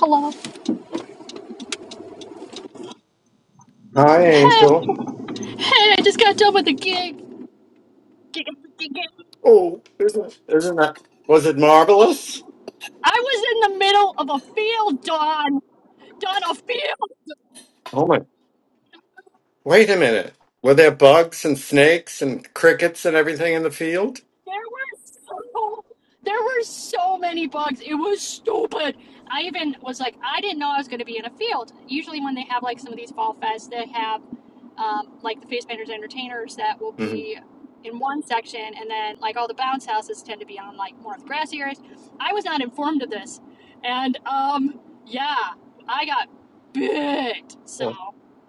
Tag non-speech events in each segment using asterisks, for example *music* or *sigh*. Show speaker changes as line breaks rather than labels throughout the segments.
Hello.
Hi,
Hey,
Angel.
hey, I just got done with the gig.
Oh, isn't isn't that was it marvelous?
I was in the middle of a field, Don. Don, a field.
Oh my! Wait a minute. Were there bugs and snakes and crickets and everything in the field?
There were so there were so many bugs. It was stupid. I even was like, I didn't know I was going to be in a field. Usually, when they have like some of these fall fests, they have um, like the face painters, and entertainers that will
hmm
be in one section, and then like all the bounce houses tend to be on like more of the grassy areas. I was not informed of this, and um, yeah, I got bit. So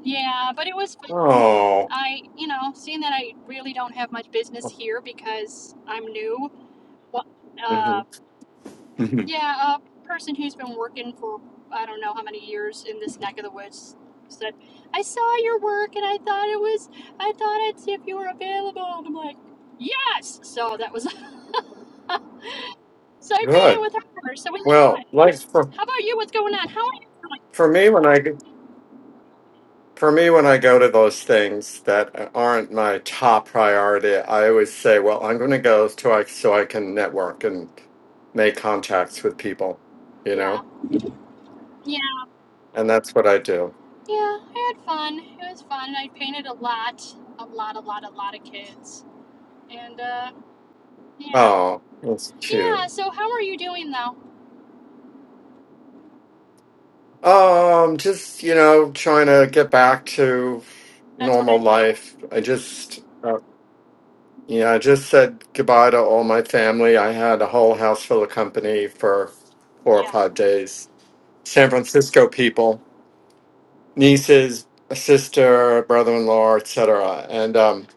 yeah, but it was fun.
Oh,
I, you know, seeing that I really don't have much business here because I'm new.
hmm
Uh,
hmm
yeah, a person who's been working for I don't know how many years in this neck of the woods said, "I saw your work and I thought it was. I thought I'd see if you were available." And I'm like, "Yes!" So that was. *laughs* so I painted
good.
with her. So we had fun.
Well, like for
How about you? What's going on? How are you feeling?
for me when I g- for me when I go to those things that aren't my top priority, I always say, "Well, I'm going to go to I so I can network and make contacts with people," you know,
Yeah, yeah,
and that's what I do.
yeah. I had fun. It was fun. I painted a lot, a lot, a lot, a lot of kids, and uh, Yeah.
Oh, that's
Yeah.
cute.
So how are you doing though?
Um, just, you know, trying to get back to
That's what I
normal
thought. Yeah.
life. I just, uh, yeah, I just said goodbye to all my family. I had a whole house full of company for four or
Yeah.
five days. San Francisco people, nieces, a sister, brother-in-law, etc. And um,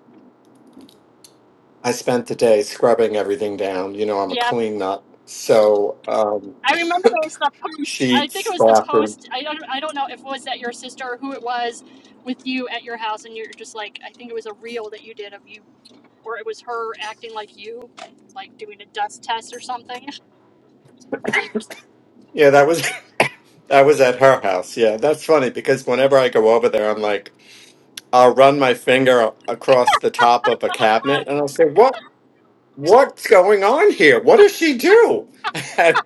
I spent the day scrubbing everything down. You know, I'm a
Yeah.
clean nut. So, um,
I remember there was the post. I think it
sheets,
was the
bathroom.
post. I don't. I don't know if it was that your sister or who it was with you at your house, and you're just like. I think it was a reel that you did of you, or it was her acting like you, like doing a dust test or something.
Yeah, that was *laughs* I was at her house. Yeah, that's funny because whenever I go over there, I'm like, I'll run my finger across the top of a cabinet and I'll say, "What? What's going on here? What does she do?" *laughs*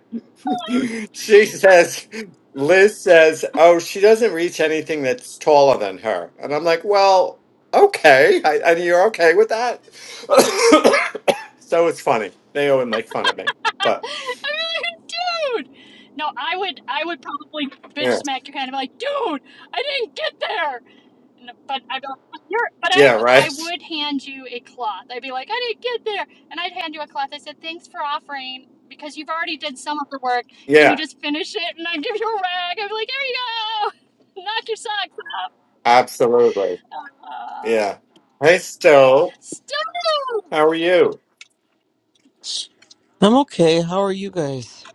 And she says, Liz says, "Oh, she doesn't reach anything that's taller than her." And I'm like, "Well, okay, I, and you're okay with that?" *coughs* so it's funny. They always make fun of me,
*laughs* I
but
mean, dude. No, I would. I would probably bitch
yeah,
smack your hand and be like, dude, I didn't get there. No, but I'd be like, "But you're, but I,
yeah,
w- I
right,
would hand you a cloth. I'd be like, I didn't get there. And I'd hand you a cloth. I said, thanks for offering because you've already did some of the work. Can you
yeah,
just finish it? And I'd give you a rag. I'd be like, here you go. *laughs* Knock your socks off.
absolutely.
Uh,
Yeah. Hey, Stowe.
Stove!
How are you?
I'm okay. How are you guys?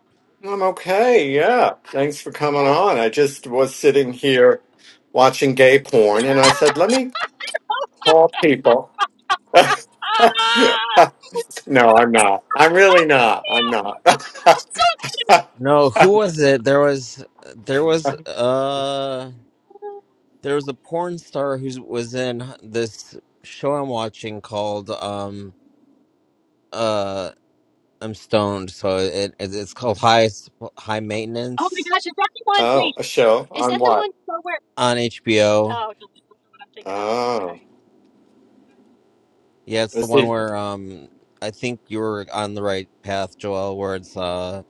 I'm okay. Yeah. Thanks for coming
Yeah.
on. I just was sitting here watching gay porn and I said, let me
Oh,
call people. *laughs*
ah! *laughs*
no, I'm not. I'm
I
really not. I'm
can't.
not.
I'm so excited.
*laughs*
No, who was it? There was there was uh there was a porn star who was in this show I'm watching called um uh I'm stoned, so it, it it's called High S- High
Oh
Maintenance
my gosh, is that the one?
oh, a
Wait,
show
is
on
that the
what?
one somewhere?
on
Shh.
HBO.
Oh, no, that's not what I'm thinking of.
Oh,
Okay.
Yeah, it's the
let's
one
see.
where um I think you were on the right path, Joel, where it's uh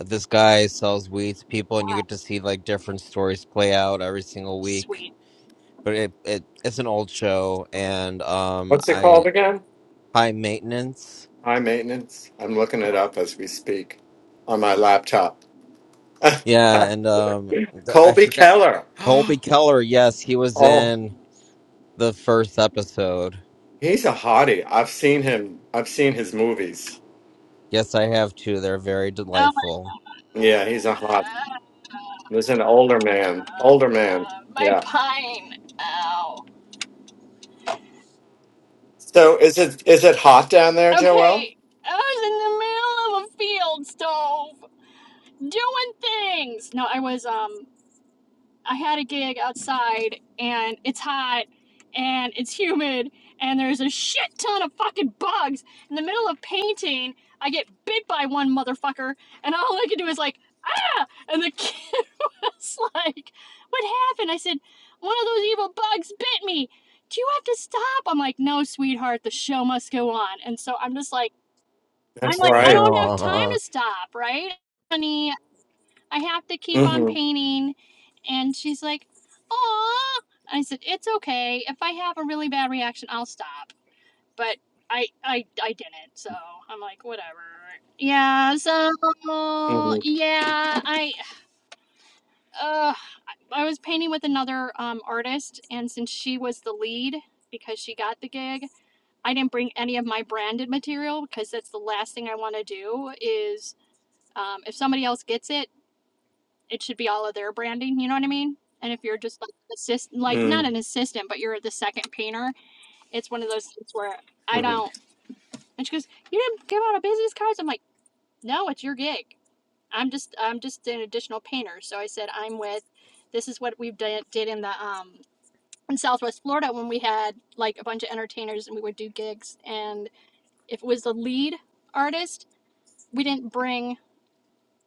this guy sells weed to people and you
Wow.
get to see like different stories play out every single week
Sweet.
but it, it it's an old show and um
What's it
I
called again?
high maintenance.
High maintenance. I'm looking it up as we speak on my laptop.
Yeah,
*laughs*
and um the, I
Colby
forgot
Keller. *gasps*
Colby Keller. Yes, he was
Oh.
in the first episode.
He's a hottie. I've seen him. I've seen his movies.
Yes, I have two. They're very
Um,
delightful.
Yeah, he's a hot. He's an older man. Older man.
Uh, my
Yeah.
pine. Ow.
So is it is it hot down there, Joel?
Okay, I was in the middle of a field stove doing things. No, I was um I had a gig outside and it's hot and it's humid and there's a shit ton of fucking bugs. In the middle of painting, I get bit by one motherfucker and all I could do is like, ah! And the *laughs* kid was like, what happened? I said, one of those evil bugs bit me. Do you have to stop? I'm like, no, sweetheart, the show must go on. And so I'm just like, I'm
That's
like,
*laughs*
I
right.
don't have time
oh
to stop, right? honey? I have to keep on
Mm-hmm.
painting. And she's like, Aw. I said, It's okay. If I have a really bad reaction, I'll stop. But I, I, I didn't. So I'm like, whatever. Yeah. So
Mm-hmm.
yeah, I, uh, I was painting with another um, artist, and since she was the lead because she got the gig, I didn't bring any of my branded material because that's the last thing I want to do. Is um, if somebody else gets it, it should be all of their branding. You know what I mean? And if you're just like assist, like not an
Mm-hmm.
assistant, but you're the second painter, it's one of those things where I
mm-hmm.
don't. And she goes, "You didn't give out a business cards." I'm like, "No, it's your gig. I'm just, I'm just an additional painter." So I said, "I'm with. This is what we did, did in the um in Southwest Florida when we had like a bunch of entertainers and we would do gigs. And if it was the lead artist, we didn't bring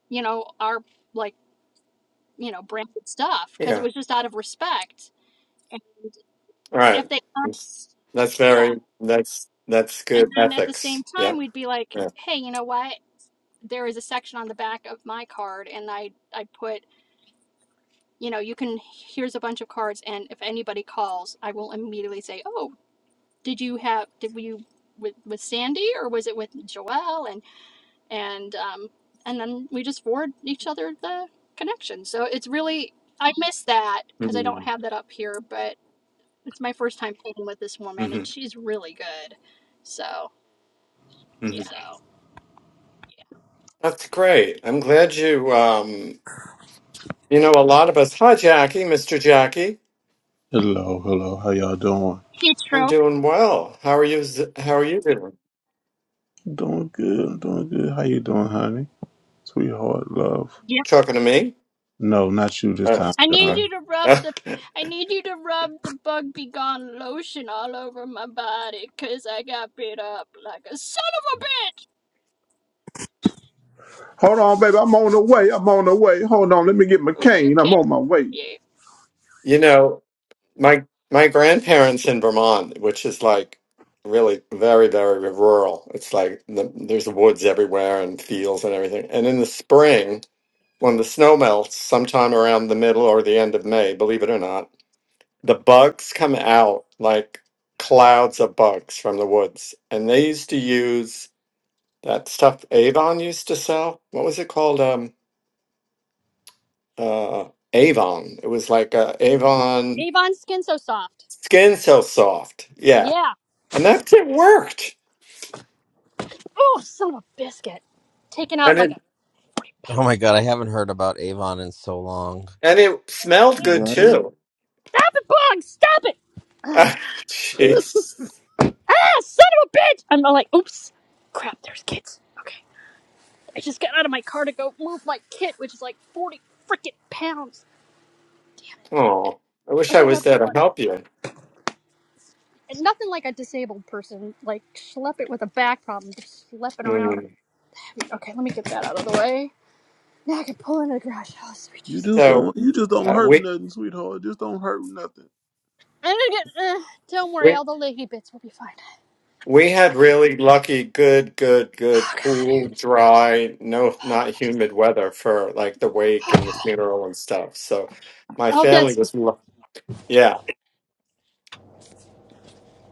you know our like you know branded stuff because it
Yeah.
was just out of respect And
All right.
if they asked,
That's
yeah.
very. That's that's
And
good
then at the same
ethics. Yeah.
time, we'd be like,
Yeah.
hey, you know what? There is a section on the back of my card, and I, I put, you know, you can, here's a bunch of cards, and if anybody calls, I will immediately say, oh, did you have, did you, with, with Sandy or was it with Joelle? And, and, um, and then we just forward each other the connection. So it's really, I miss that because I
Mm-hmm.
don't have that up here, but It's my first time playing with this woman,
Mm-hmm.
and she's really good. So
hmm
yeah,
That's great. I'm glad you. Um. You know, a lot of us. Hi, Jackie. Mr. Jackie.
Hello, hello. How y'all doing?
heat
I'm
stroke.
doing well. How are you? z- How are you doing?
I'm doing good. I'm doing good. How you doing, honey? Sweetheart, love.
Yep.
Talking to me?
No, not you this
Uh,
time,
I need
okay.
John.
you to rub
Uh,
the.
*laughs*
I need you to rub the bug be gone lotion all over my body, cause I got beat up like a son.
Hold on, baby. I'm on the way. I'm on the way. Hold on. Let me get my
of- Okay, you're
cane. I'm
kidding
on my way.
me.
you know, my my grandparents in Vermont, which is like really very very rural. It's like the, there's woods everywhere and fields and everything. And in the spring, when the snow melts, sometime around the middle or the end of May, believe it or not, the bugs come out like clouds of bugs from the woods. And they used to use that stuff Avon used to sell. What was it called? Um, uh Avon. It was like a Avon
Ava.
Skin So Soft. Yeah.
Yeah.
And that it worked.
Oh, son of a biscuit. Taking out
And
like a
it
forty pounder.
my god, I haven't heard about Avon in so long.
and it smelled good
Right.
too.
Stop it, Bong! Stop it!
*laughs*
Ugh.
Jeez.
Ah, son of a bitch! I'm all like, oops. Crap, there's kids. Okay. I just got out of my car to go move my kit, which is like 40 freaking pounds.
Oh, I wish I
Okay,
was
that's
there to
one.
help you.
And nothing like a disabled person, like schlep it with a back problem, just schlepping around.
Mm.
Okay, let me get that out of the way. Now I can pull into the garage. Oh, sweet
You just
Jesus.
don't.
So
You just don't
uh,
hurt
we
nothing, sweetheart. Just don't hurt nothing.
I'm gonna get. Uh, don't worry,
we
all the leggy bits will be fine.
we had
Okay.
really lucky, good, good, good,
Oh
cool, dry, no, not humid weather for like the wake
God.
and the funeral and stuff. So my
Oh,
family
that's.
was lucky.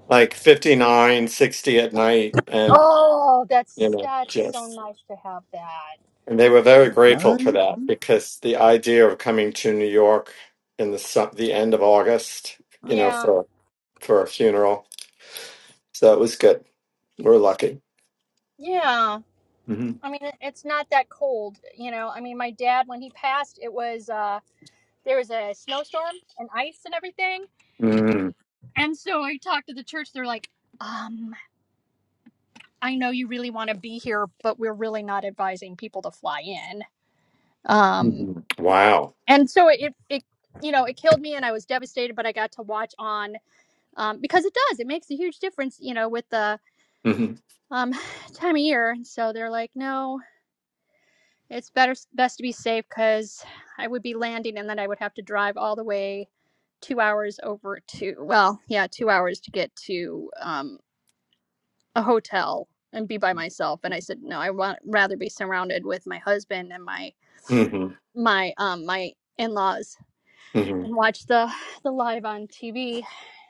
like 59, 60 at night. And,
Oh,
you
that's
know,
that's so
just,
nice to have that.
and they were very grateful for
Right.
that because the idea of coming to New York in the, su- the end of August, you know,
Yeah,
for, for a funeral. So that was good. We're lucky.
yeah.
hmm
I mean, it- it's not that cold, you know. I mean, my dad when he passed, it was uh there was a snowstorm and ice and everything
hmm
And so I talked to the church. They're like, um, I know you really want to be here, but we're really not advising people to fly in. Um,
hmm Wow.
and so it, it, you know, it killed me and I was devastated, but I got to watch on, um, because it does, it makes a huge difference, you know, with the,
hmm
um, *sighs* time of year. And so they're like, no, it's better, best to be safe because I would be landing and then I would have to drive all the way two hours over to, well, yeah, two hours to get to, um, a hotel and be by myself and i said no i want rather be surrounded with my husband and my
hmm
my um my in-laws
hmm
and watch the the live on tv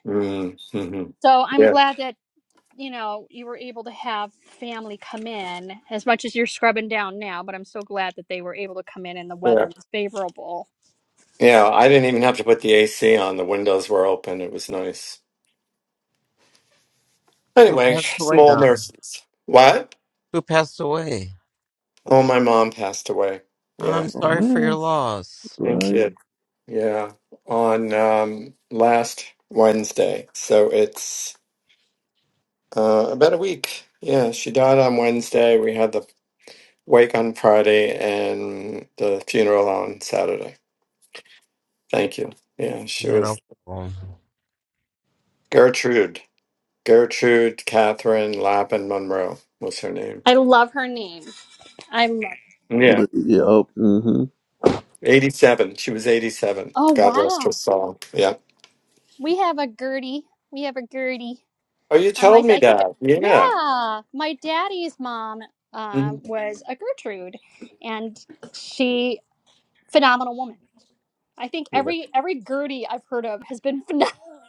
hmm hmm
so i'm
Yeah.
glad that you know you were able to have family come in as much as you're scrubbing down now but i'm so glad that they were able to come in and the
Yeah.
weather was favorable
Yeah. I didn't even have to put the AC on. The windows were open. It was nice.
Who
Anyway,
passed away,
small
Donna?
nurses. What?
Who passed away?
Oh, my mom passed away.
I'm
Yeah.
Oh
sorry for your
man.
loss.
Thank
Right.
you. Yeah. On um, last Wednesday. So it's uh, about a week. Yeah. She died on Wednesday. We had the wake on Friday and the funeral on Saturday. Thank you. Yeah. She
You know.
was Gertrude. Gertrude Catherine Lappin Monroe was her name.
i love her name i love
Yeah.
But, yeah. Oh, mm-hmm.
87. She was 87.
oh
God rest her
wow
soul. Yeah.
we have a gertie we have a gertie
Oh, you
And my,
told me
I think,
that. Yeah.
yeah, my daddy's mom
Mhm.
um, was a Gertrude, and she phenomenal woman. I think every every Gertie I've heard of has been *laughs* phenomenal.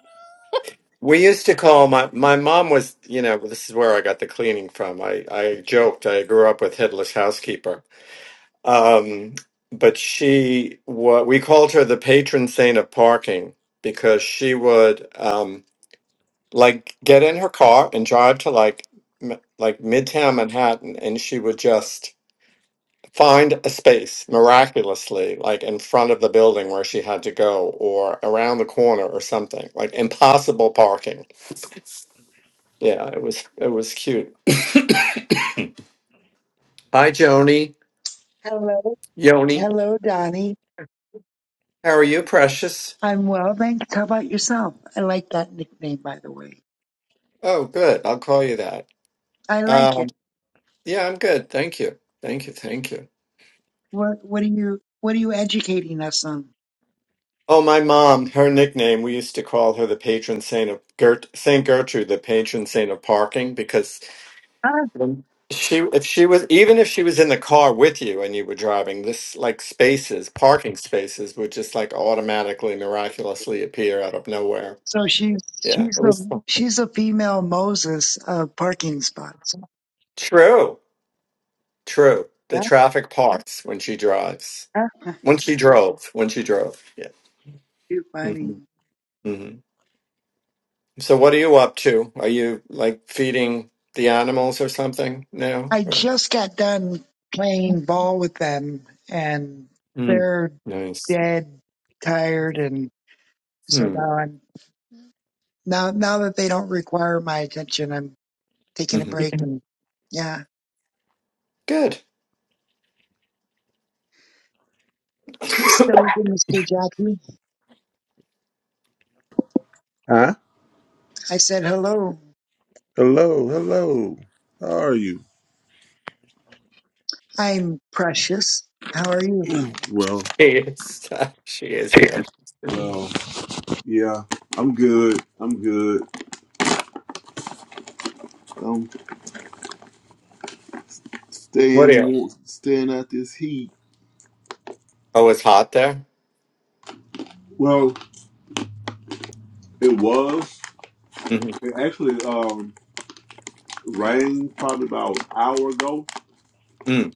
We used to call my my mom was, you know, this is where I got the cleaning from. I I joked I grew up with headless housekeeper. Um, but she what we called her the patron saint of parking because she would um like get in her car and drive to like m- like Midtown Manhattan and she would just find a space miraculously like in front of the building where she had to go or around the corner or something like impossible parking Yeah, it was it was cute. Hi, Joni.
Hello.
Yoni,
Hello, Donnie.
how are you, precious?
I'm well, thanks. How about yourself? I like that nickname, by the way.
Oh, good. I'll call you that.
I like
Um,
it.
yeah, I'm good. Thank you. Thank you. Thank you.
What what are you what are you educating us on?
Oh, my mom, her nickname, we used to call her the patron saint of Gert Saint Gertrude, the patron saint of parking, because
Ah,
when she if she was even if she was in the car with you and you were driving, this like spaces, parking spaces would just like automatically miraculously appear out of nowhere.
so she's
Yeah,
she's
it was
the she's the female Moses of parking spots.
true. True. The
Ah,
traffic parts when she drives.
ah,
When she drove. When she drove. Yeah.
Too funny.
hmm hmm So what are you up to? Are you like feeding the animals or something now?
I
Or
just got done playing ball with them and
Mm.
they're
nice.
dead tired and so
Hmm.
now I'm now now that they don't require my attention, I'm taking a
hmm
break and yeah.
Good. *laughs*
Hey, Silver, Mr. Jackie.
Huh?
I said, hello.
Hello. Hello. How are you?
I'm precious. How are you?
Well.
she is. *laughs* she is precious. Mhm.
Well. Yeah. I'm good. I'm good. Um.
What are
staying
you?
warm, staying out this heat.
Oh, it's hot there.
Well, it was.
hmm
It actually um, rained probably about an hour ago.
Mm.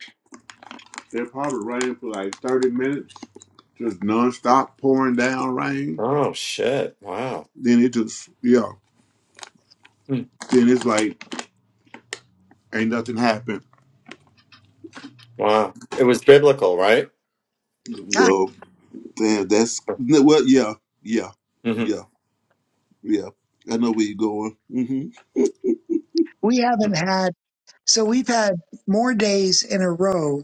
It probably rained for like thirty minutes, just nonstop pouring down rain.
Oh shit! Wow.
Then it just yeah.
Mm.
Then it's like ain't nothing happened.
Wow. It was biblical, right?
Ah,
Well, damn, that's no, well, yeah, yeah,
hmm
yeah, yeah. I know where you're going. hmm
we haven't had, so we've had more days in a row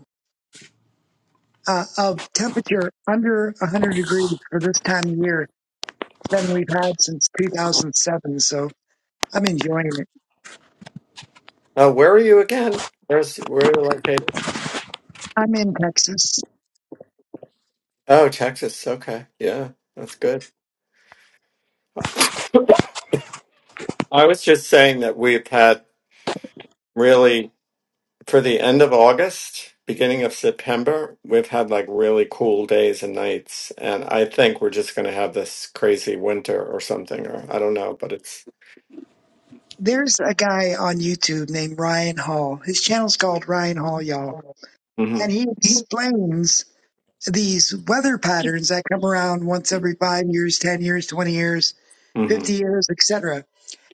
uh, of temperature under 100 degrees for this time of year than we've had since 2007. So I'm enjoying it.
Oh, where are you again? Where's where are you located?
I'm in Texas.
Oh, Texas. Okay. Yeah, that's good. I was just saying that we've had really, for the end of August, beginning of September, we've had like really cool days and nights. And I think we're just going to have this crazy winter or something, or I don't know, but it's.
There's a guy on YouTube named Ryan Hall. His channel's called Ryan Hall, y'all.
hmm
And he explains these weather patterns that come around once every five years, 10 years, 20 years,
hmm
50 years, etc.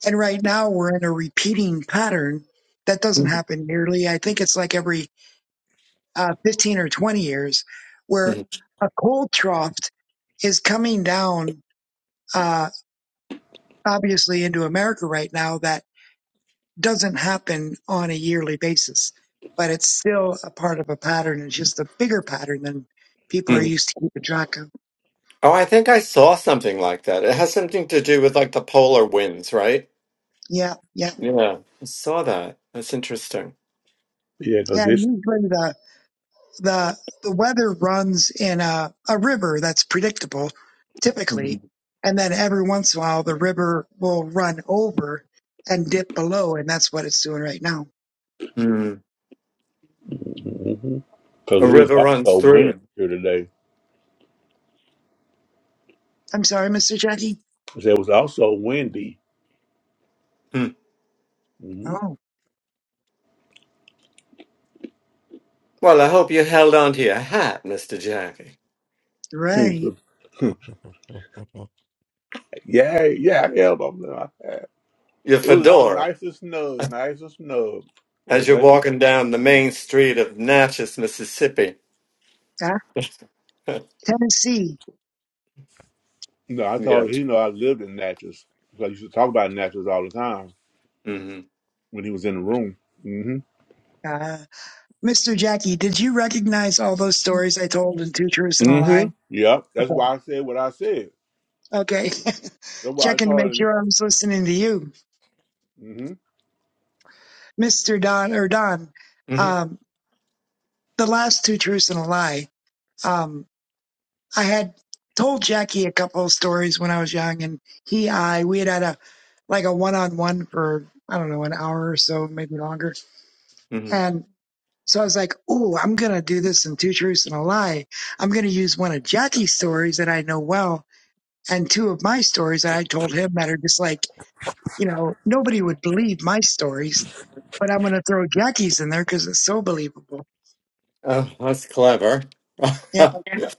And right now we're in a repeating pattern that doesn't
hmm
happen yearly. I think it's like every uh, 15 or 20 years where a cold trough is coming down, uh, obviously into America right now that doesn't happen on a yearly basis, but it's still a part of a pattern. It's just a bigger pattern than people are
hmm
used to keeping track of.
Oh, I think I saw something like that. It has something to do with like the polar winds, right?
Yeah. Yeah.
Yeah, I saw that. That's interesting.
Yeah, because
and
it's
usually the the the weather runs in a, a river that's predictable
Mm-hmm.
typically and then every once in a while the river will run over and dip below and that's what it's doing right now
Mm-hmm.
because
A
it was
river runs
also
through
windy
him.
here today.
i'm sorry mr jackie
'Cause It was also windy.
Hmm.
oh
Well, I hope you held on to your hat, Mr. Jackie.
Mm-hmm.
right
*laughs* yeah, yeah, I held on to my hat.
Your
It was on
fedora,
nice and snug, nice and snug. Well,
as you're
nothing.
walking down the
get-
main street of Natchez, Mississippi.
Ah,
*laughs* yeah.
tennessee
No, I told he know I lived in Natchez because I used to talk about Natchez all the time
Mm-hmm.
when he was in the room. Mm-hmm.
uh, mr jackie did you recognize all those stories i told in two truths and a
Mm-hmm.
lie
Yep. That's
okay
why I said what I said.
Okay. *laughs*
That's why I
checking to
told
make
him.
sure i was listening to you
hmm
mr don or don
Mm-hmm.
um, the last two truths and a lie. Um, I had told Jackie a couple of stories when I was young, and he, I, we had had a like a one on one for I don't know an hour or so, maybe longer.
Mm-hmm.
And so I was like, "Oh, I'm gonna do this in two truths and a lie. I'm gonna use one of Jackie's stories that I know well, and two of my stories that I told him that are just like you know nobody would believe my stories, but I'm gonna throw Jackie's in there because it's so believable."
Oh, that's clever.
Yeah,
*laughs*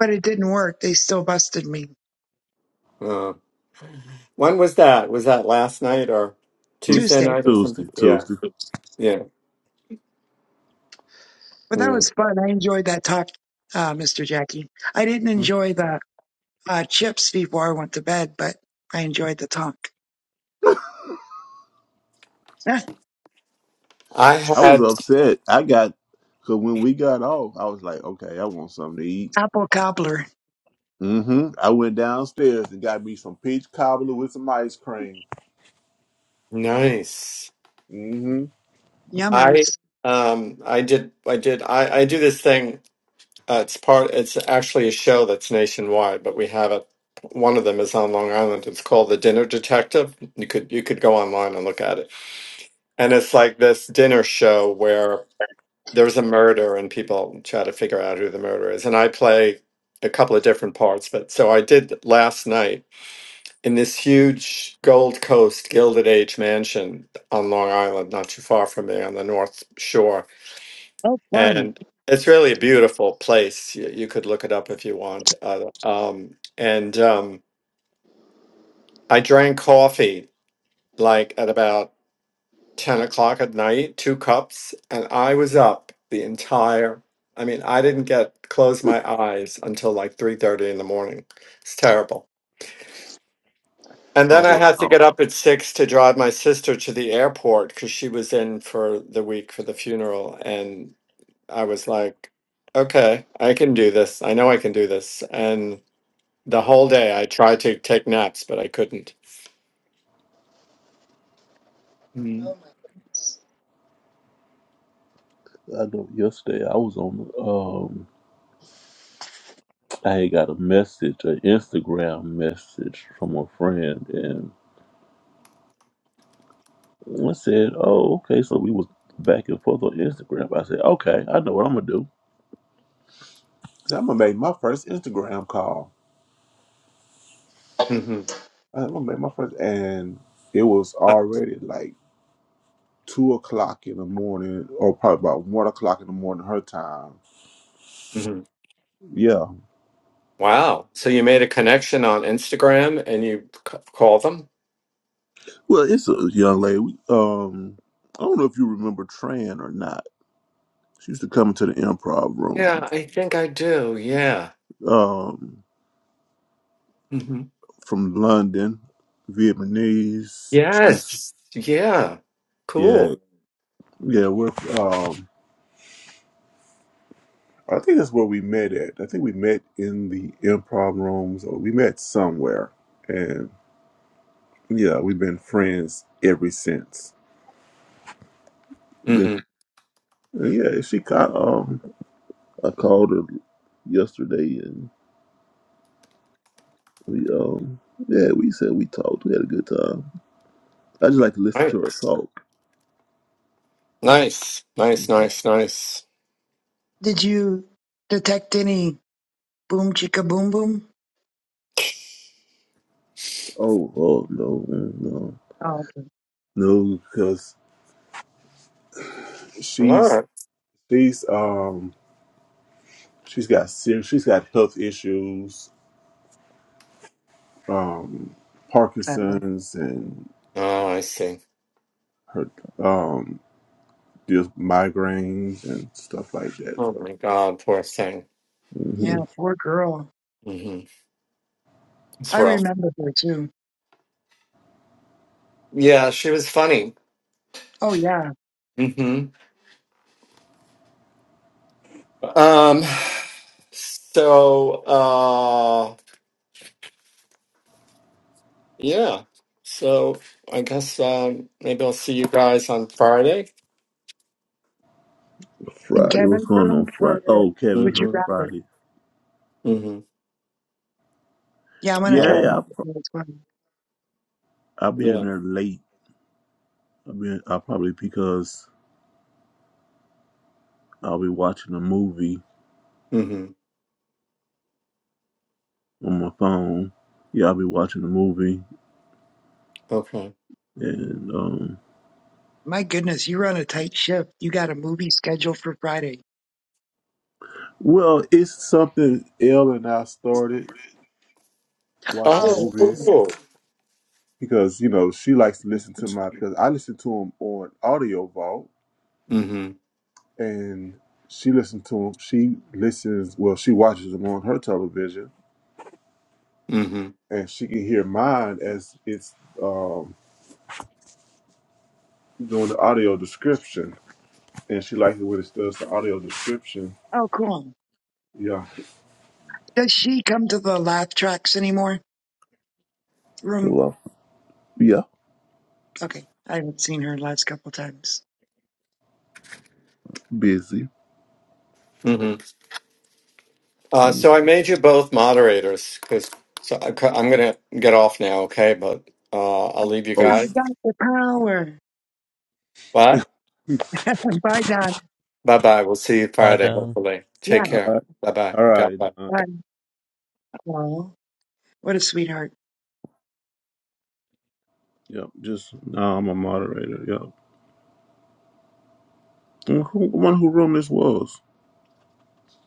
but it didn't work. They still busted me.
Uh, when was that? Was that last night or Tuesday
Tuesday.
night or something?
Tuesday,
Yeah.
Tuesday.
Yeah.
But that
Mm.
was fun. I enjoyed that talk, uh, Mr. Jackie. I didn't enjoy the uh, chips before I went to bed, but I enjoyed the talk. Eh,
I
I was
had
upset. I got because when we got off, I was like, okay, I want something to eat.
Apple cobbler,
Mm-hmm. I went downstairs and got me some peach cobbler with some ice cream.
nice.
Mm-hmm.
I
yummers.
um I did I did I I do this thing Uh, it's part. It's actually a show that's nationwide, but we have it. One of them is on Long Island. It's called The Dinner Detective. You could you could go online and look at it. And it's like this dinner show where there's a murder and people try to figure out who the murderer is. And I play a couple of different parts. But so I did last night in this huge Gold Coast Gilded Age mansion on Long Island, not too far from me on the North Shore
Oh, fun.
and it's really a beautiful place. You, you could look it up if you want. Uh, um, and um, I drank coffee like at about ten o'clock at night, two cups, and I was up the entire. I mean, I didn't get close my eyes until like three thirty in the morning. It's terrible. And then I
Oh
Oh my,
had to
wow.
get up at six to drive my sister to the airport because she was in for the week for the funeral, and I was like, okay, I can do this. I know I can do this. And the whole day I tried to take naps, but I couldn't.
oh
Mm-hmm.
my.
I know yesterday I was on um I had got a message, an Instagram message from a friend and I said, Oh, okay, so we was back and forth on Instagram. I said, Okay, I know what I'm gonna do. So I'm gonna make my first Instagram call.
hmm
I'm gonna make my first and it was already like two o'clock in the morning or probably about one o'clock in the morning her time. Yeah.
Wow. So you made a connection on Instagram and you c- call them?
Well, it's a young lady. We, um, I don't know if you remember Tran or not. She used to come into the improv
Yeah,
room
I think I do. Yeah.
um,
hmm
from London, Vietnamese. She's
Yes. Yeah.
yeah,
Cool.
yeah. We're um, I think that's where we met at. I think we met in the improv rooms, or we met somewhere, and yeah, we've been friends ever since. Been,
hmm
yeah, she caught. Um, I called her yesterday, and. We um yeah, we said we talked. We had a good time. I just like to listen to her
Nice.
talk.
Nice. Nice. Nice. Nice.
Did you detect any boom chicka boom boom?
Oh, oh no, mm, no.
Oh, okay.
No, because
All
she's
right.
she's um she's got serious she's got health issues, um
Sadly.
Parkinson's and
Oh, I see.
her um just migraines and stuff like that.
Oh
So
my God, poor thing.
yeah,
hmm
poor girl.
hmm It's
I
rough.
remember her too.
Yeah, she was funny.
Oh yeah,
hmm Um, so, uh, yeah. So I guess um, maybe I'll see you guys on Friday.
in
Friday, what's
Kevin's
going on
room
Friday?
for
Oh, Kevin's
Would
room
You
Mm-hmm.
Rather.
Friday.
Mm-hmm.
Yeah, I'm gonna
Yeah, I
try to
will
Uh,
make
I'll pro-
it as well.
I'll be in
yeah.
there late. I mean, I will probably because I'll be watching a movie
Mm-hmm.
on my phone. Yeah, I'll be watching a movie,
Okay.
and um,
My goodness, you run a tight ship. You got a movie scheduled for Friday.
well, it's something Elle and I started
Oh,
watching
Oh,
movies
cool.
because you know she likes to listen to my
Mm-hmm.
because I listen to them on Audio Vault, and she listens to them. She listens well, she watches them on her television,
Mm-hmm.
and she can hear mine as it's um, doing the audio description, and she likes it when it does the audio description.
oh, cool.
Yeah.
Does she come to the laugh tracks anymore? Room?
So, uh, yeah,
Okay, I haven't seen her last couple times.
busy.
Mm-hmm. Uh, so I made you both moderators because so I, am gonna get off now, okay? But uh, I'll leave you
Oh,
guys.
I've
sh-
got the power.
Bye.
And by God,
Bye bye. We'll see you
Bye,
Friday,
Don. *laughs*
hopefully. Take
yeah.
all
care.
right,
Bye bye.
all
God
right.
bless.
Don.
I, oh, what a sweetheart.
Yep, just now I'm a moderator. Yep. And Who, one who room this was?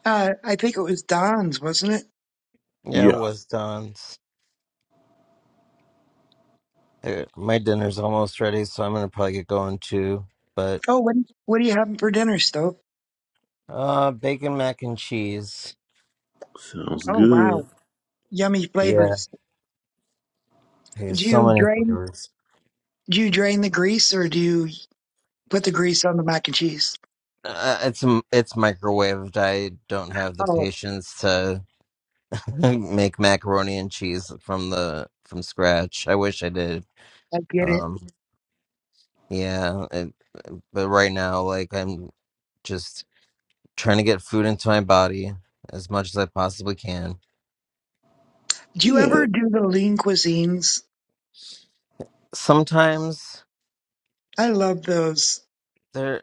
Uh, I think it was Don's, wasn't it?
Yeah, it
Yeah,
was Don. Uh, My dinner's almost ready, so I'm gonna probably get going too. But
Oh, what, what are you having for dinner, Stove?
uh, bacon mac and cheese.
sounds
Oh, wow,
good.
yummy
Yeah,
flavors.
there's
Do
so
you
many
drain?
flavors.
Do you drain the grease, or do you put the grease on the mac and cheese?
Uh, it's m- it's microwaved. I don't have the
Oh,
patience to *laughs* make macaroni and cheese from the from scratch. I wish I did.
I get it.
Um, yeah, it, but right now, like I'm just trying to get food into my body as much as I possibly can.
Do you
Yeah,
ever do the lean cuisines?
Sometimes
I love those.
there.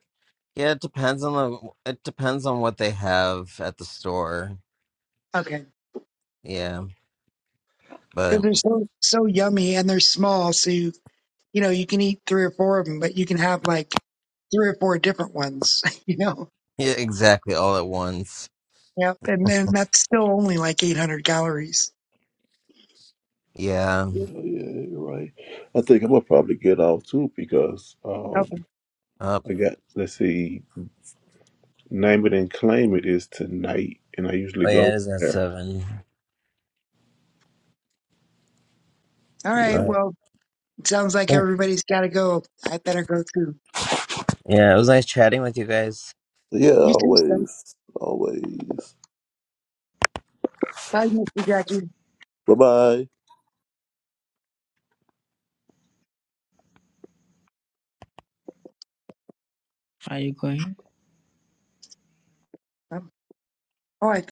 Yeah, it depends on the it depends on what they have at the store.
Okay.
Yeah,
Because
but
they're so, so yummy and they're small. So, you, you know, you can eat three or four of them, but you can have like three or four different ones, *laughs* you know?
yeah, exactly all at once.
Yep. And then that's still only like 800 calories.
Yeah.
yeah, yeah, you're right. I think I'm gonna probably get off too because um
Okay.
Up.
I got let's see, name it and claim it is tonight, and I usually
Oh yeah, it
go
is at
there.
seven.
All right.
Yeah,
All
Well, it sounds like
right. *clears throat*
everybody's got to go. I better go too.
Yeah, it was nice chatting with you guys.
yeah,
You too, Steph.
always, always.
Bye, Mr. Jackie.
Bye bye.
Are you going?
Um, Oh, I